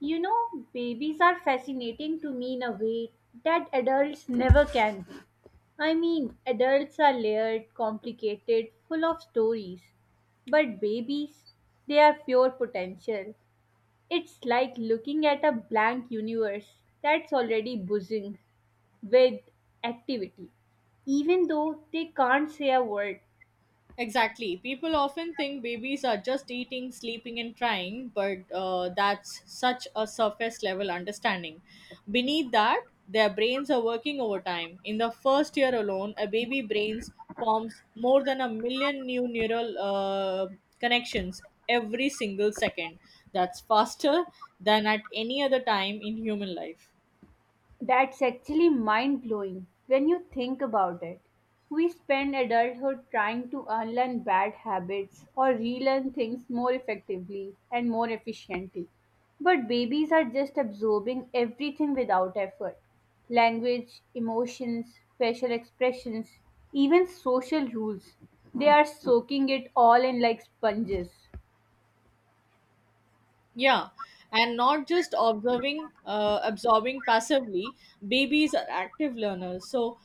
You know, babies are fascinating to me in a way that adults never can be. I mean, adults are layered, complicated, full of stories. But babies, they are pure potential. It's like looking at a blank universe that's already buzzing with activity, even though they can't say a word. Exactly. People often think babies are just eating, sleeping, and crying, but that's such a surface level understanding. Beneath that, their brains are working overtime. In the first year alone, a baby brains forms more than a million new neural connections every single second. That's faster than at any other time in human life. That's actually mind blowing when you think about it. We spend adulthood trying to unlearn bad habits or relearn things more effectively and more efficiently. But babies are just absorbing everything without effort language, emotions, facial expressions, even social rules. They are soaking it all in like sponges. Yeah, and not just observing, absorbing passively. Babies are active learners, so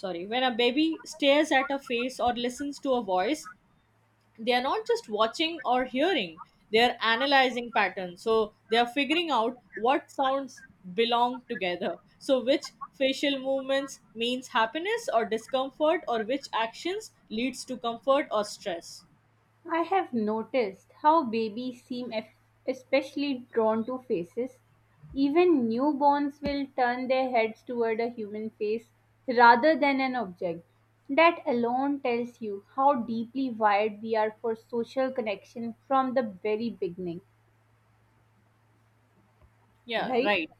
sorry, when a baby stares at a face or listens to a voice, they are not just watching or hearing, they are analyzing patterns, so they are figuring out what sounds belong together, so which facial movements means happiness or discomfort, or which actions leads to comfort or stress. I have noticed how babies seem especially drawn to faces. Even newborns will turn their heads toward a human face rather than an object. That alone tells you how deeply wired we are for social connection from the very beginning, Yeah, right? right.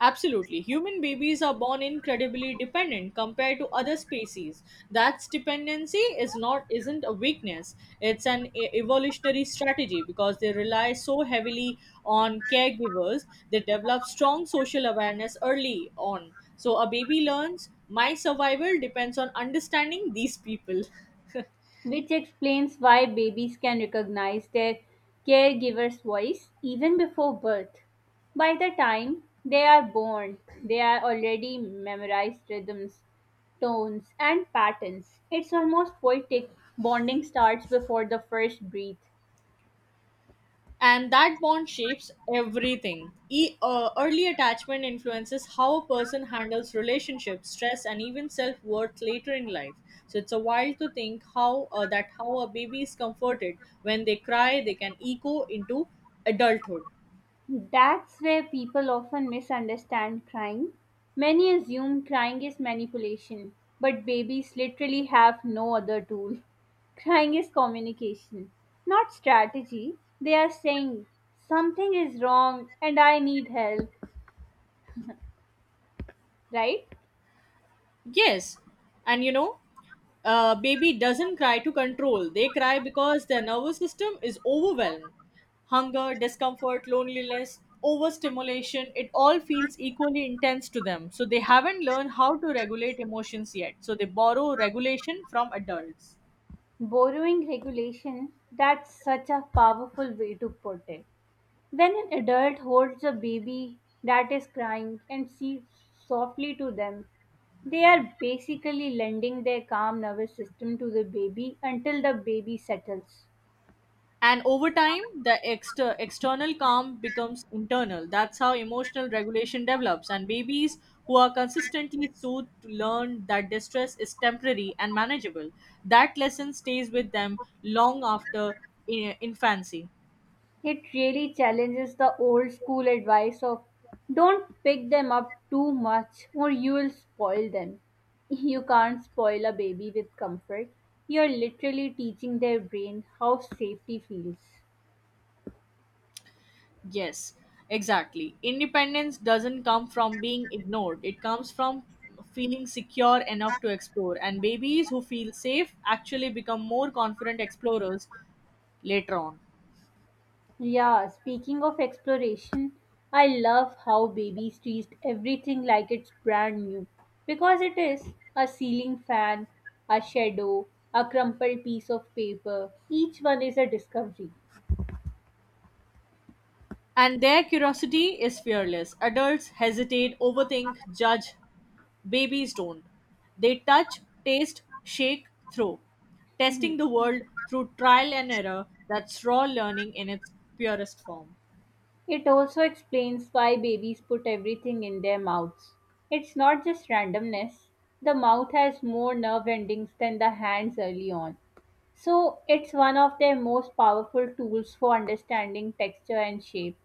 Absolutely. Human babies are born incredibly dependent compared to other species. That dependency is not isn't a weakness. It's an evolutionary strategy because they rely so heavily on caregivers. They develop strong social awareness early on. So a baby learns my survival depends on understanding these people. Which explains why babies can recognize their caregiver's voice even before birth. By the time they are born, they are already memorized rhythms, tones, and patterns. It's almost poetic. Bonding starts before the first breath. And that bond shapes everything early attachment influences how a person handles relationships, stress, and even self-worth later in life. So it's a wild to think how that how a baby is comforted when they cry, they can echo into adulthood. That's where people often misunderstand crying. Many assume crying is manipulation, but babies literally have no other tool. Crying is communication, not strategy. They are saying, something is wrong and I need help, right? Yes, and you know, baby doesn't cry to control. They cry because their nervous system is overwhelmed. Hunger, discomfort, loneliness, overstimulation, it all feels equally intense to them. So they haven't learned how to regulate emotions yet. So they borrow regulation from adults. Borrowing regulation, that's such a powerful way to put it. When an adult holds a baby that is crying and speaks softly to them, they are basically lending their calm nervous system to the baby until the baby settles. And over time the external calm becomes internal. That's how emotional regulation develops, and babies who are consistently soothed learn that distress is temporary and manageable. That lesson stays with them long after infancy. It really challenges the old school advice of don't pick them up too much or you will spoil them. You can't spoil a baby with comfort. You're literally teaching their brain how safety feels. Yes, exactly, independence doesn't come from being ignored, it comes from feeling secure enough to explore, and babies who feel safe actually become more confident explorers later on. Yeah, speaking of exploration, I love how babies treat everything like it's brand new. Because it is a ceiling fan, a shadow, a crumpled piece of paper. Each one is a discovery. And their curiosity is fearless. Adults hesitate, overthink, judge. Babies don't. They touch, taste, shake, throw. Testing the world through trial and error, that's raw learning in its purest form. It also explains why babies put everything in their mouths. It's not just randomness, the mouth has more nerve endings than the hands early on. So, it's one of their most powerful tools for understanding texture and shape.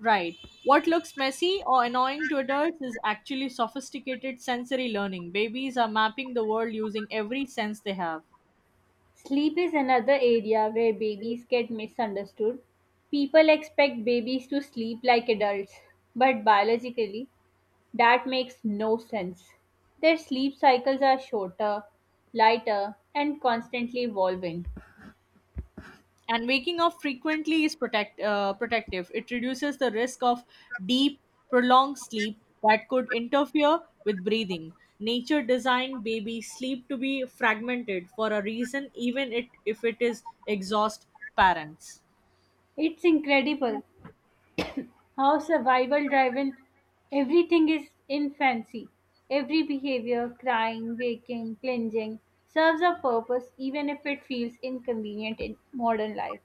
Right. What looks messy or annoying to adults is actually sophisticated sensory learning. Babies are mapping the world using every sense they have. Sleep is another area where babies get misunderstood. People expect babies to sleep like adults, but biologically, that makes no sense. Their sleep cycles are shorter, lighter, and constantly evolving. And waking up frequently is protective. It reduces the risk of deep prolonged sleep that could interfere with breathing. Nature designed baby sleep to be fragmented for a reason, even it if it is exhaust parents. It's incredible how survival driven everything is in fancy. Every behavior, crying, waking, clinging, serves a purpose even if it feels inconvenient in modern life.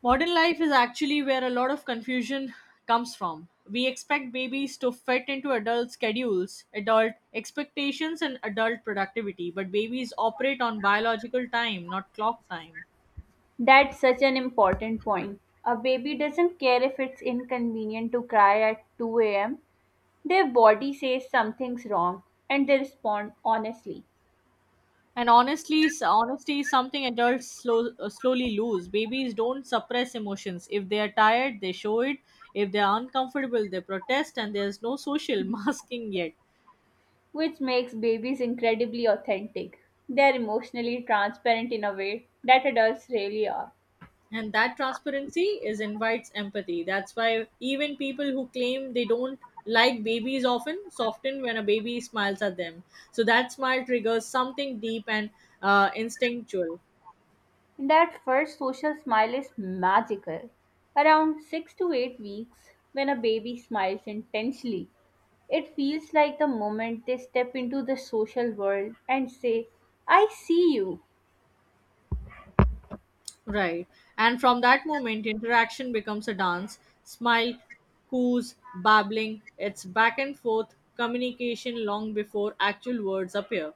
Modern life is actually where a lot of confusion comes from. We expect babies to fit into adult schedules, adult expectations, and adult productivity, but babies operate on biological time, not clock time. That's such an important point. A baby doesn't care if it's inconvenient to cry at 2 a.m. Their body says something's wrong and they respond honestly, And honestly, honesty is something adults slowly lose. Babies don't suppress emotions. If they are tired, they show it. If they are uncomfortable, they protest, and there's no social masking yet. which makes babies incredibly authentic. They're emotionally transparent in a way that adults really are. And that transparency is invites empathy. That's why even people who claim they don't like babies often soften when a baby smiles at them. So that smile triggers something deep and instinctual. That first social smile is magical. Around 6 to 8 weeks, when a baby smiles intensely, it feels like the moment they step into the social world and say, I see you. Right. And from that moment, interaction becomes a dance. Smile, coos, babbling. It's back and forth communication long before actual words appear.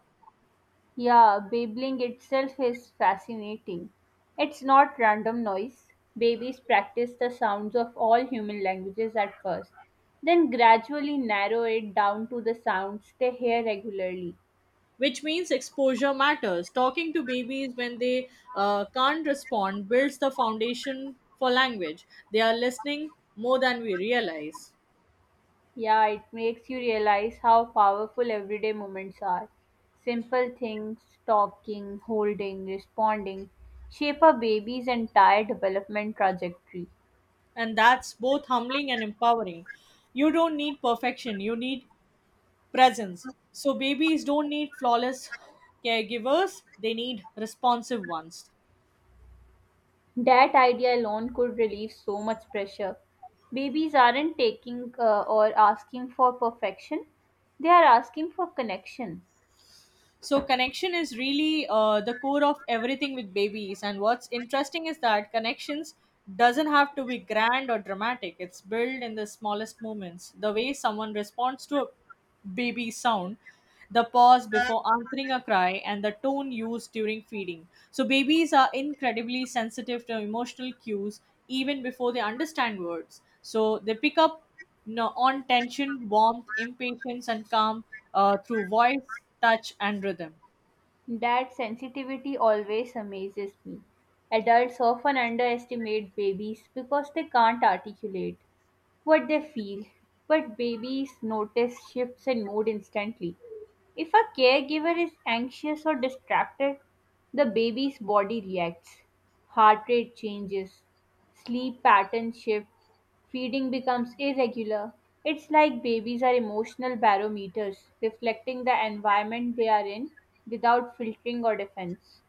Yeah, babbling itself is fascinating. It's not random noise. Babies practice the sounds of all human languages at first, then gradually narrow it down to the sounds they hear regularly. Which means exposure matters. Talking to babies when they can't respond builds the foundation for language. They are listening more than we realize. Yeah, it makes you realize how powerful everyday moments are. Simple things, talking, holding, responding, shape a baby's entire development trajectory. And that's both humbling and empowering. You don't need perfection, you need presence. So babies don't need flawless caregivers, they need responsive ones. That idea alone could relieve so much pressure. Babies aren't taking or asking for perfection, they are asking for connection. So connection is really the core of everything with babies, and what's interesting is that connections doesn't have to be grand or dramatic. It's built in the smallest moments: the way someone responds to a baby sound, the pause before answering a cry, and the tone used during feeding. So babies are incredibly sensitive to emotional cues even before they understand words, so they pick up, no, on tension, warmth, impatience, and calm through voice, touch, and rhythm. That sensitivity always amazes me. Adults often underestimate babies because they can't articulate what they feel. But babies notice shifts in mood instantly. If a caregiver is anxious or distracted, the baby's body reacts. Heart rate changes, sleep patterns shift, feeding becomes irregular. It's like babies are emotional barometers, reflecting the environment they are in without filtering or defense.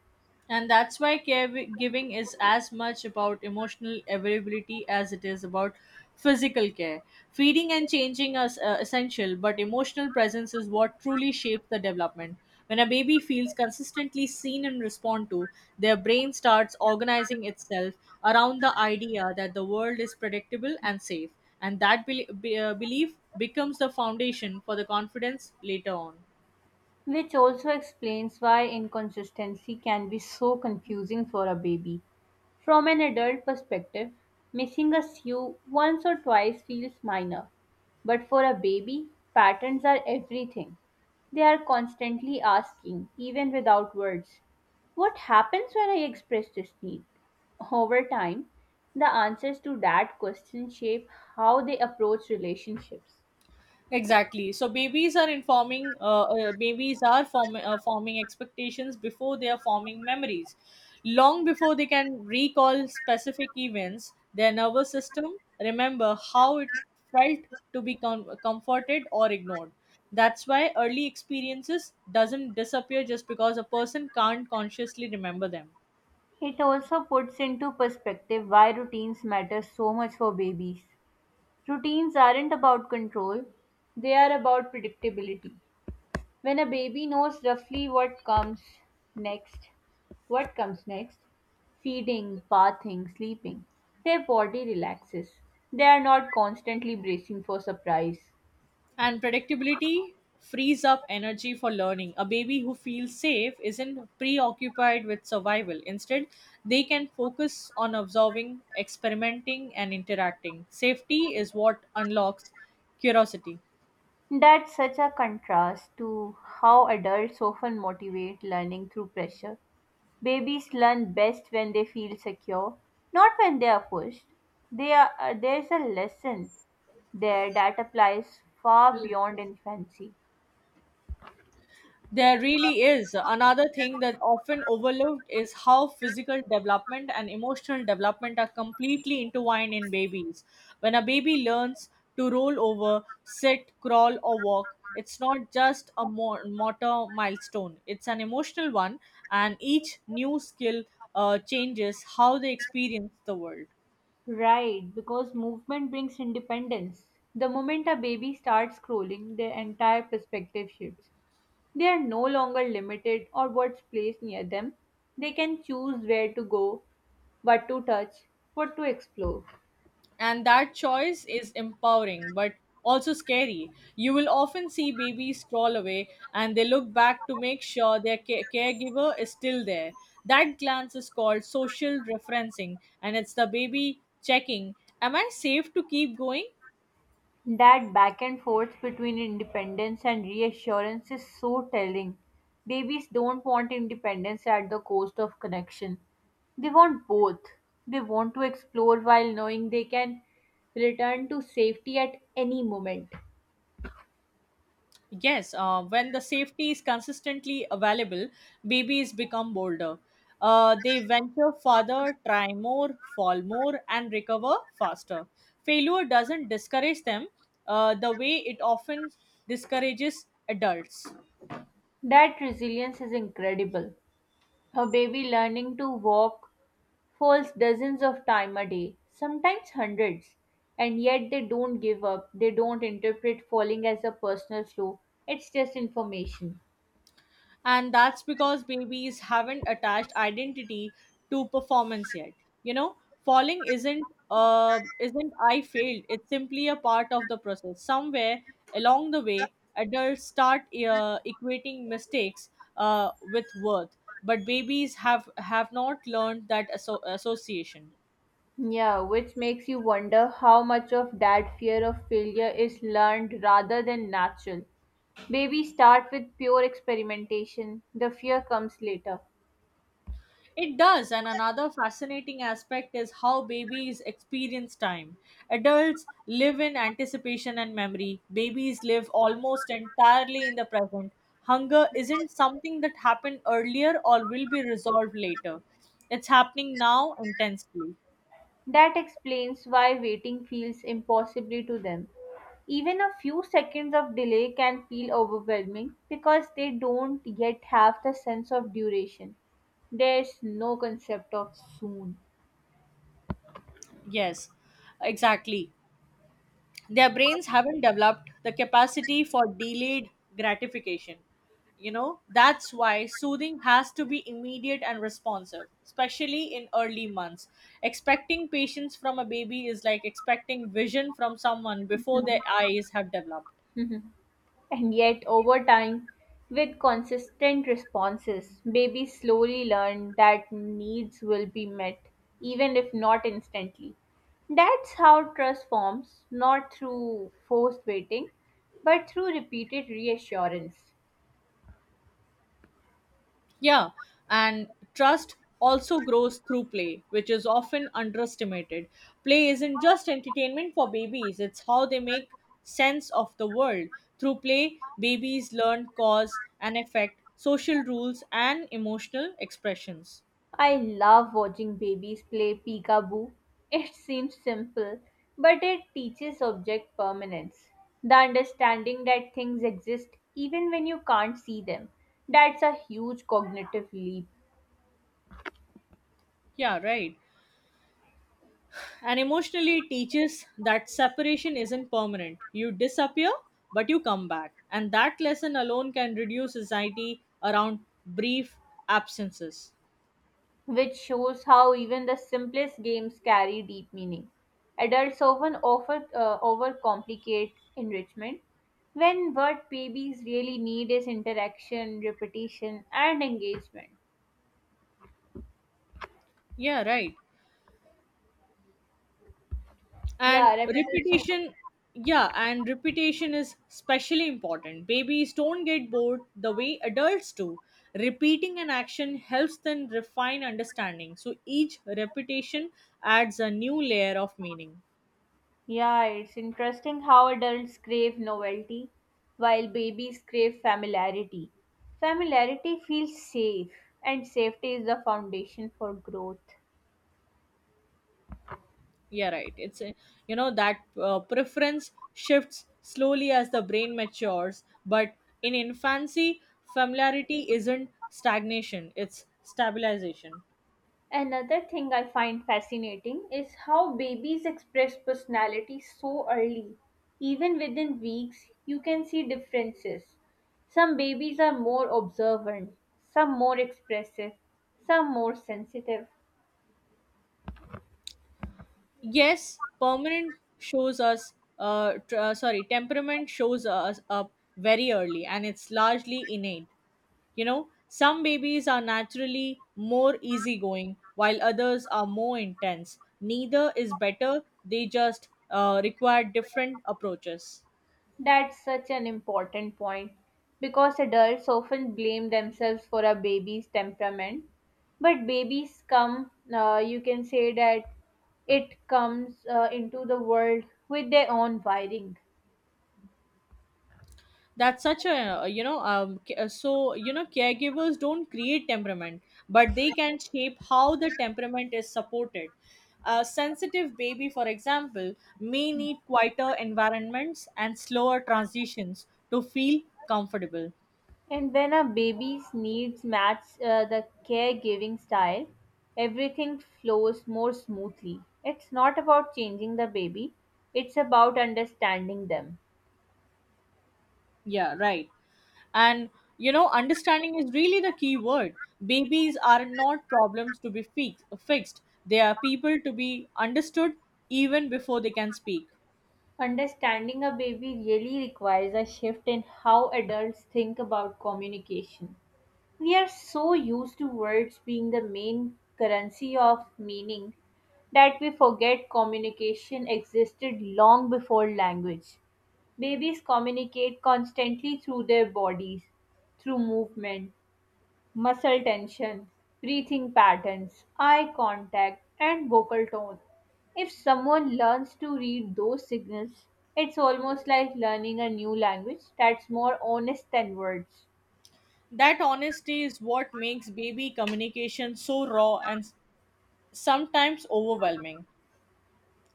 And that's why caregiving is as much about emotional availability as it is about physical care. Feeding and changing are essential, but emotional presence is what truly shapes the development. When a baby feels consistently seen and respond to, their brain starts organizing itself around the idea that the world is predictable and safe. And that belief becomes the foundation for the confidence later on. Which also explains why inconsistency can be so confusing for a baby. From an adult perspective, missing a shoe once or twice feels minor, but for a baby, patterns are everything. They are constantly asking, even without words, what happens when I express this need? Over time, the answers to that question shape how they approach relationships. Exactly. So babies are informing, babies are form, forming expectations before they are forming memories. Long before they can recall specific events, their nervous system remember how it felt to be comforted or ignored. That's why early experiences doesn't disappear just because a person can't consciously remember them. It also puts into perspective why routines matter so much for babies. Routines aren't about control, they are about predictability. When a baby knows roughly next, what comes next, feeding, bathing, sleeping, their body relaxes. They are not constantly bracing for surprise. And predictability frees up energy for learning. A baby who feels safe isn't preoccupied with survival. Instead, they can focus on observing, experimenting, and interacting. Safety is what unlocks curiosity. That's such a contrast to how adults often motivate learning through pressure. Babies learn best when they feel secure, not when they are pushed. There's a lesson there that applies far beyond infancy. There really is. Another thing that often overlooked is how physical development and emotional development are completely intertwined in babies. When a baby learns to roll over, sit, crawl, or walk, it's not just a motor milestone, it's an emotional one, and each new skill changes how they experience the world. Right, because movement brings independence. The moment a baby starts crawling, their entire perspective shifts. They are no longer limited or what's placed near them. They can choose where to go, what to touch, what to explore. And that choice is empowering but also scary. You will often see babies crawl away and they look back to make sure their caregiver is still there. That glance is called social referencing, and it's the baby checking, am I safe to keep going? That back and forth between independence and reassurance is so telling. Babies don't want independence at the cost of connection. They want both. They want to explore while knowing they can return to safety at any moment. Yes, when the safety is consistently available, babies become bolder. They venture farther, try more, fall more, and recover faster. Failure doesn't discourage them the way it often discourages adults. That resilience is incredible. A baby learning to walk falls dozens of times a day, sometimes hundreds, and yet they don't give up. They don't interpret falling as a personal flaw. It's just information. And that's because babies haven't attached identity to performance yet. You know, falling isn't I failed, it's simply a part of the process. Somewhere along the way adults start equating mistakes with worth, but babies have not learned that association. Yeah, which makes you wonder how much of that fear of failure is learned rather than natural. Babies start with pure experimentation, the fear comes later. It does, and another fascinating aspect is how babies experience time. Adults live in anticipation and memory, babies live almost entirely in the present. Hunger isn't something that happened earlier or will be resolved later, it's happening now intensely. That explains why waiting feels impossibly to them. Even a few seconds of delay can feel overwhelming because they don't yet have the sense of duration. There's no concept of soon. Yes, exactly. Their brains haven't developed the capacity for delayed gratification. You know, that's why soothing has to be immediate and responsive, especially in early months. Expecting patience from a baby is like expecting vision from someone before their eyes have developed. And yet, over time, with consistent responses, babies slowly learn that needs will be met, even if not instantly. That's how trust forms, not through forced waiting, but through repeated reassurance. Yeah, and trust also grows through play, which is often underestimated. Play isn't just entertainment for babies, it's how they make sense of the world. Through play, babies learn cause and effect, social rules, and emotional expressions. I love watching babies play peekaboo. It seems simple, but it teaches object permanence. The understanding that things exist even when you can't see them. That's a huge cognitive leap, Yeah, right. And emotionally, it teaches that separation isn't permanent. You disappear, but you come back. And that lesson alone can reduce anxiety around brief absences. which shows how even the simplest games carry deep meaning. Adults often overcomplicate enrichment when what babies really need is interaction, repetition, and engagement. Yeah, right. And Yeah, repetition. repetition, yeah, and repetition is especially important. Babies don't get bored the way adults do. Repeating an action helps them refine understanding, so each repetition adds a new layer of meaning. Yeah, it's interesting how adults crave novelty while babies crave familiarity. Familiarity feels safe, and safety is the foundation for growth. Yeah, right. You know that preference shifts slowly as the brain matures, but in infancy familiarity isn't stagnation, it's stabilization. Another thing I find fascinating is how babies express personality so early. Even within weeks, you can see differences. Some babies are more observant, some more expressive, some more sensitive. Yes, permanent shows us, tr- sorry, temperament shows us up very early, and it's largely innate. You know, some babies are naturally more easygoing while others are more intense. Neither is better, they just require different approaches. That's such an important point because adults often blame themselves for a baby's temperament. But you can say that it comes into the world with their own wiring. That's such a you know, caregivers don't create temperament, but they can shape how the temperament is supported. A sensitive baby, for example, may need quieter environments and slower transitions to feel comfortable. And when a baby's needs match the caregiving style, everything flows more smoothly. It's not about changing the baby, it's about understanding them. Yeah, right, and you know, understanding is really the key word. Babies are not problems to be fixed, they are people to be understood even before they can speak. Understanding a baby really requires a shift in how adults think about communication. We are so used to words being the main currency of meaning that we forget communication existed long before language. Babies communicate constantly through their bodies, through movement, muscle tension, breathing patterns, eye contact, and vocal tone. If someone learns to read those signals, it's almost like learning a new language that's more honest than words. That honesty is what makes baby communication so raw and sometimes overwhelming.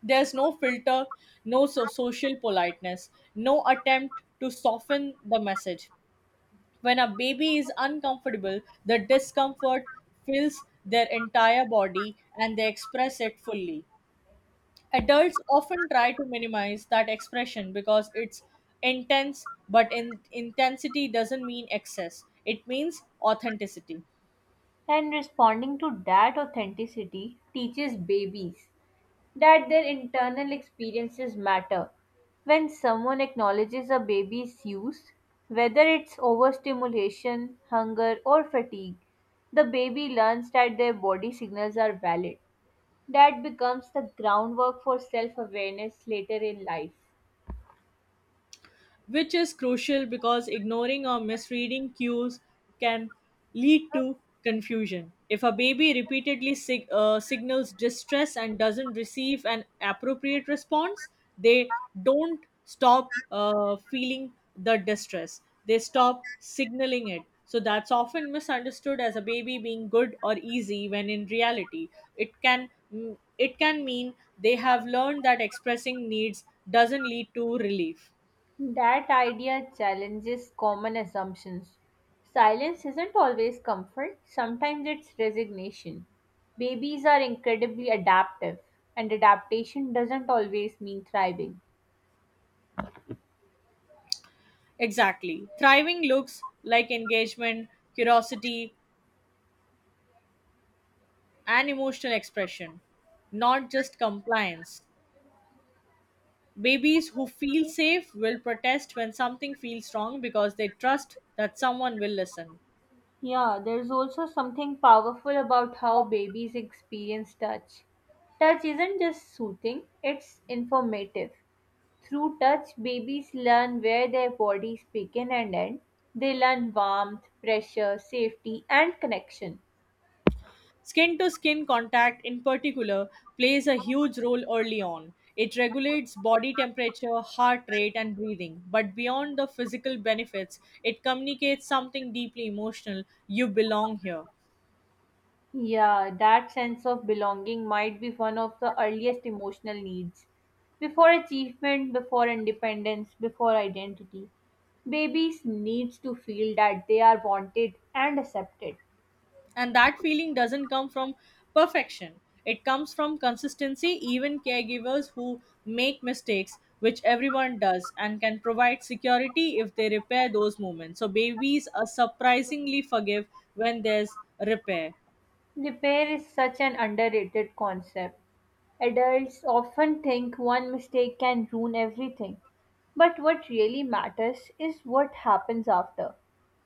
There's no filter, no social politeness, no attempt to soften the message. When a baby is uncomfortable, the discomfort fills their entire body and they express it fully. Adults often try to minimize that expression because it's intense, but intensity doesn't mean excess, it means authenticity. And responding to that authenticity teaches babies that their internal experiences matter. When someone acknowledges a baby's use, whether it's overstimulation, hunger, or fatigue, the baby learns that their body signals are valid. That becomes the groundwork for self awareness later in life. Which is crucial because ignoring or misreading cues can lead to confusion. If a baby repeatedly signals distress and doesn't receive an appropriate response, they don't stop feeling the distress, they stop signaling it. So that's often misunderstood as a baby being good or easy, when in reality it can mean they have learned that expressing needs doesn't lead to relief. That idea challenges common assumptions. Silence isn't always comfort, sometimes it's resignation. Babies are incredibly adaptive, and adaptation doesn't always mean thriving. Exactly. Thriving looks like engagement, curiosity, and emotional expression, not just compliance. Babies who feel safe will protest when something feels wrong because they trust that someone will listen. Yeah, there's also something powerful about how babies experience touch. Touch isn't just soothing, it's informative. Through touch, babies learn where their bodies begin and end. They learn warmth, pressure, safety, and connection. Skin to skin contact, in particular, plays a huge role early on. It regulates body temperature, heart rate, and breathing. But beyond the physical benefits, it communicates something deeply emotional, you belong here. Yeah, that sense of belonging might be one of the earliest emotional needs. Before achievement, before independence, before identity, babies need to feel that they are wanted and accepted. And that feeling doesn't come from perfection. It comes from consistency. Even caregivers who make mistakes, which everyone does, and can provide security if they repair those moments. So babies are surprisingly forgive when there's repair. Repair is such an underrated concept. Adults often think one mistake can ruin everything, but what really matters is what happens after.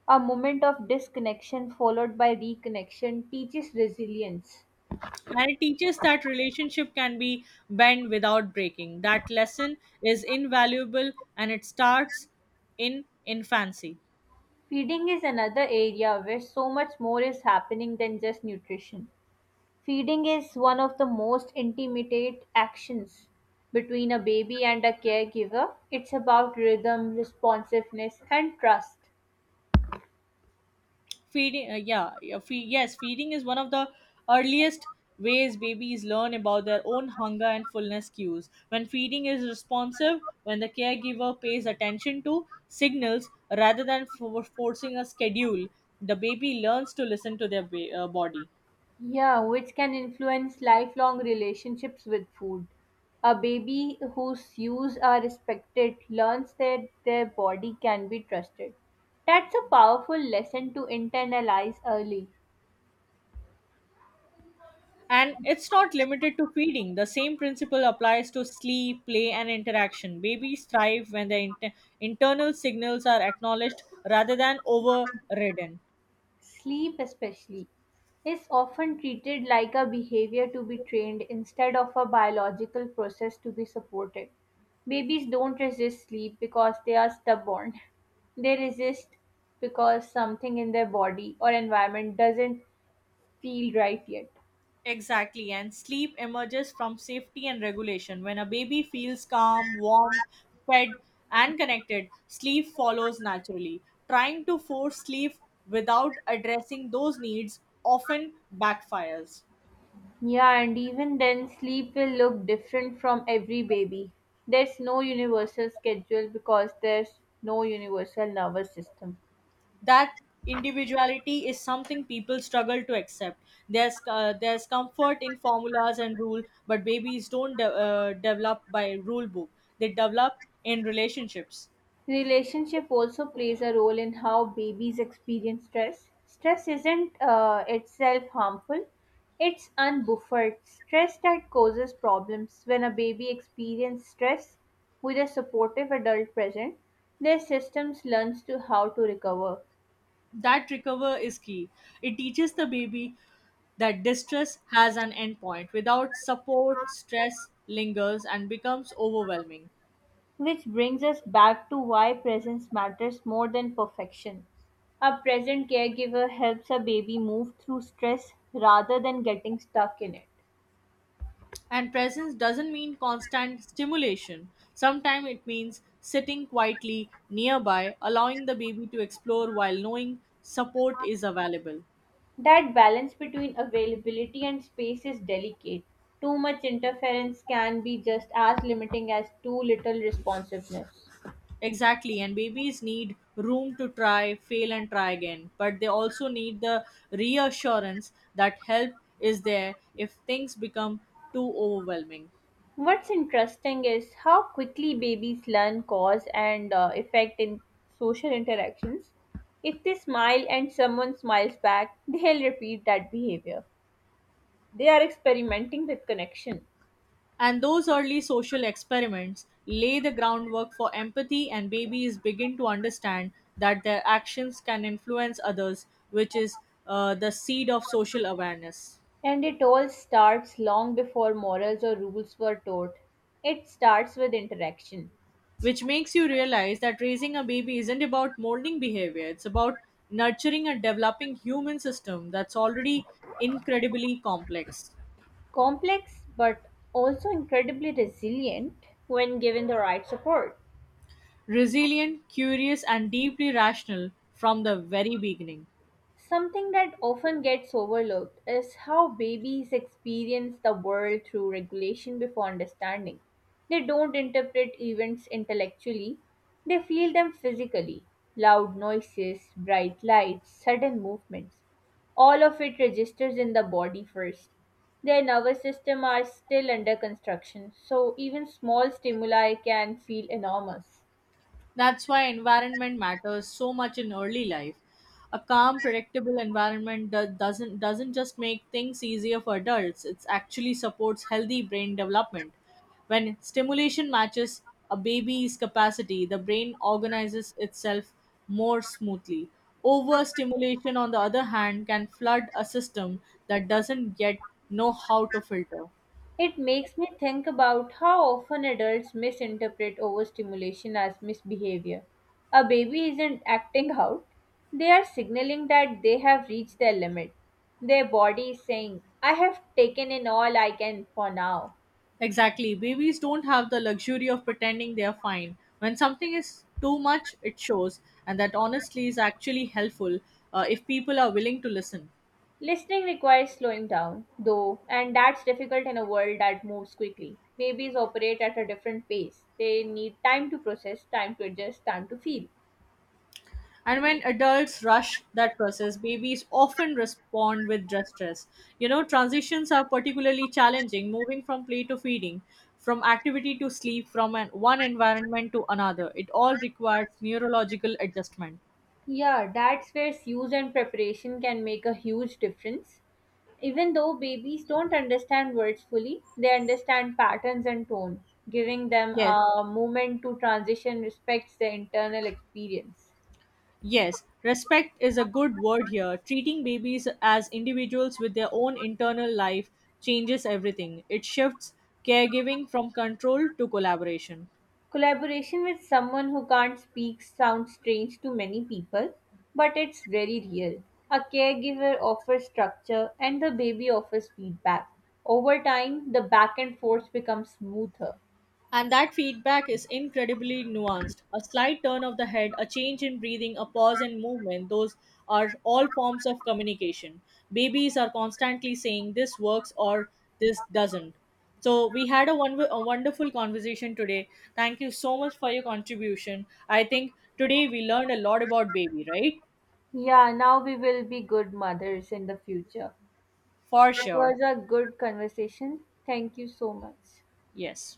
A moment of disconnection followed by reconnection teaches resilience. And it teaches that relationship can be bent without breaking. That lesson is invaluable, and it starts in infancy. Feeding is another area where so much more is happening than just nutrition. Feeding is one of the most intimate actions between a baby and a caregiver. It's about rhythm, responsiveness, and trust. Feeding, yes, feeding is one of the earliest ways babies learn about their own hunger and fullness cues. When feeding is responsive, when the caregiver pays attention to signals rather than forcing a schedule, the baby learns to listen to their body. Yeah, which can influence lifelong relationships with food. A baby whose use are respected learns that their body can be trusted. That's a powerful lesson to internalize early. And it's not limited to feeding. The same principle applies to sleep, play, and interaction. Babies thrive when their internal signals are acknowledged rather than overridden. Sleep, especially, is often treated like a behavior to be trained instead of a biological process to be supported. Babies don't resist sleep because they are stubborn. They resist because something in their body or environment doesn't feel right yet. Exactly, and sleep emerges from safety and regulation. When a baby feels calm, warm, fed, and connected, sleep follows naturally. Trying to force sleep without addressing those needs often backfires. Yeah, and even then, sleep will look different from every baby. There's no universal schedule because there's no universal nervous system. That individuality is something people struggle to accept. There's comfort in formulas and rule, but babies don't develop by rule book. They develop in relationships. Relationship also plays a role in how babies experience stress. Stress isn't itself harmful, it's unbuffered stress that causes problems. When a baby experiences stress with a supportive adult present, their systems learns to how to recover, That recover is key. It teaches the baby that distress has an endpoint. Without support, stress lingers and becomes overwhelming. which brings us back to why presence matters more than perfection. A present caregiver helps a baby move through stress rather than getting stuck in it. And presence doesn't mean constant stimulation. Sometimes it means sitting quietly nearby, allowing the baby to explore while knowing support is available. That balance between availability and space is delicate. Too much interference can be just as limiting as too little responsiveness. Exactly, and babies need room to try, fail, and try again. But they also need the reassurance that help is there if things become too overwhelming. What's interesting is how quickly babies learn cause and effect in social interactions. If they smile and someone smiles back, they'll repeat that behavior. They are experimenting with connection. And those early social experiments lay the groundwork for empathy, and babies begin to understand that their actions can influence others, which is the seed of social awareness. And it all starts long before morals or rules were taught. It starts with interaction. Which makes you realize that raising a baby isn't about molding behavior, it's about nurturing a developing human system that's already incredibly complex, Complex but also incredibly resilient when given the right support. resilient, curious, and deeply rational from the very beginning. Something that often gets overlooked is how babies experience the world through regulation before understanding. They don't interpret events intellectually, they feel them physically loud noises, bright lights, sudden movements. All of it registers in the body first. Their nervous system are still under construction, so even small stimuli can feel enormous. That's why environment matters so much in early life. A calm, predictable environment doesn't just make things easier for adults. It actually supports healthy brain development. When stimulation matches a baby's capacity, the brain organizes itself more smoothly. Overstimulation, on the other hand, can flood a system that doesn't yet know how to filter. It makes me think about how often adults misinterpret overstimulation as misbehavior. A baby isn't acting out, they are signaling that they have reached their limit. Their body is saying, I have taken in all I can for now. Exactly. Babies don't have the luxury of pretending they are fine. When something is too much, it shows, and that honestly is actually helpful, if people are willing to listen. Listening requires slowing down, though, and that's difficult in a world that moves quickly. Babies operate at a different pace. They need time to process, time to adjust, time to feel. And when adults rush that process, babies often respond with distress. You know, transitions are particularly challenging, moving from play to feeding, from activity to sleep, from one environment to another. It all requires neurological adjustment. Yeah, that's where use and preparation can make a huge difference. Even though babies don't understand words fully, they understand patterns and tone. Giving them Yes, a moment to transition respects their internal experience. Yes, respect is a good word here. Treating babies as individuals with their own internal life changes everything. It shifts caregiving from control to collaboration. Collaboration with someone who can't speak sounds strange to many people, but it's very real. A caregiver offers structure and the baby offers feedback. Over time, the back and forth becomes smoother. And that feedback is incredibly nuanced. A slight turn of the head, a change in breathing, a pause in movement, those are all forms of communication. Babies are constantly saying this works or this doesn't. So, we had a wonderful conversation today. Thank you so much for your contribution. I think today we learned a lot about baby, right? Yeah, now we will be good mothers in the future. For It sure. was a good conversation. Thank you so much. Yes.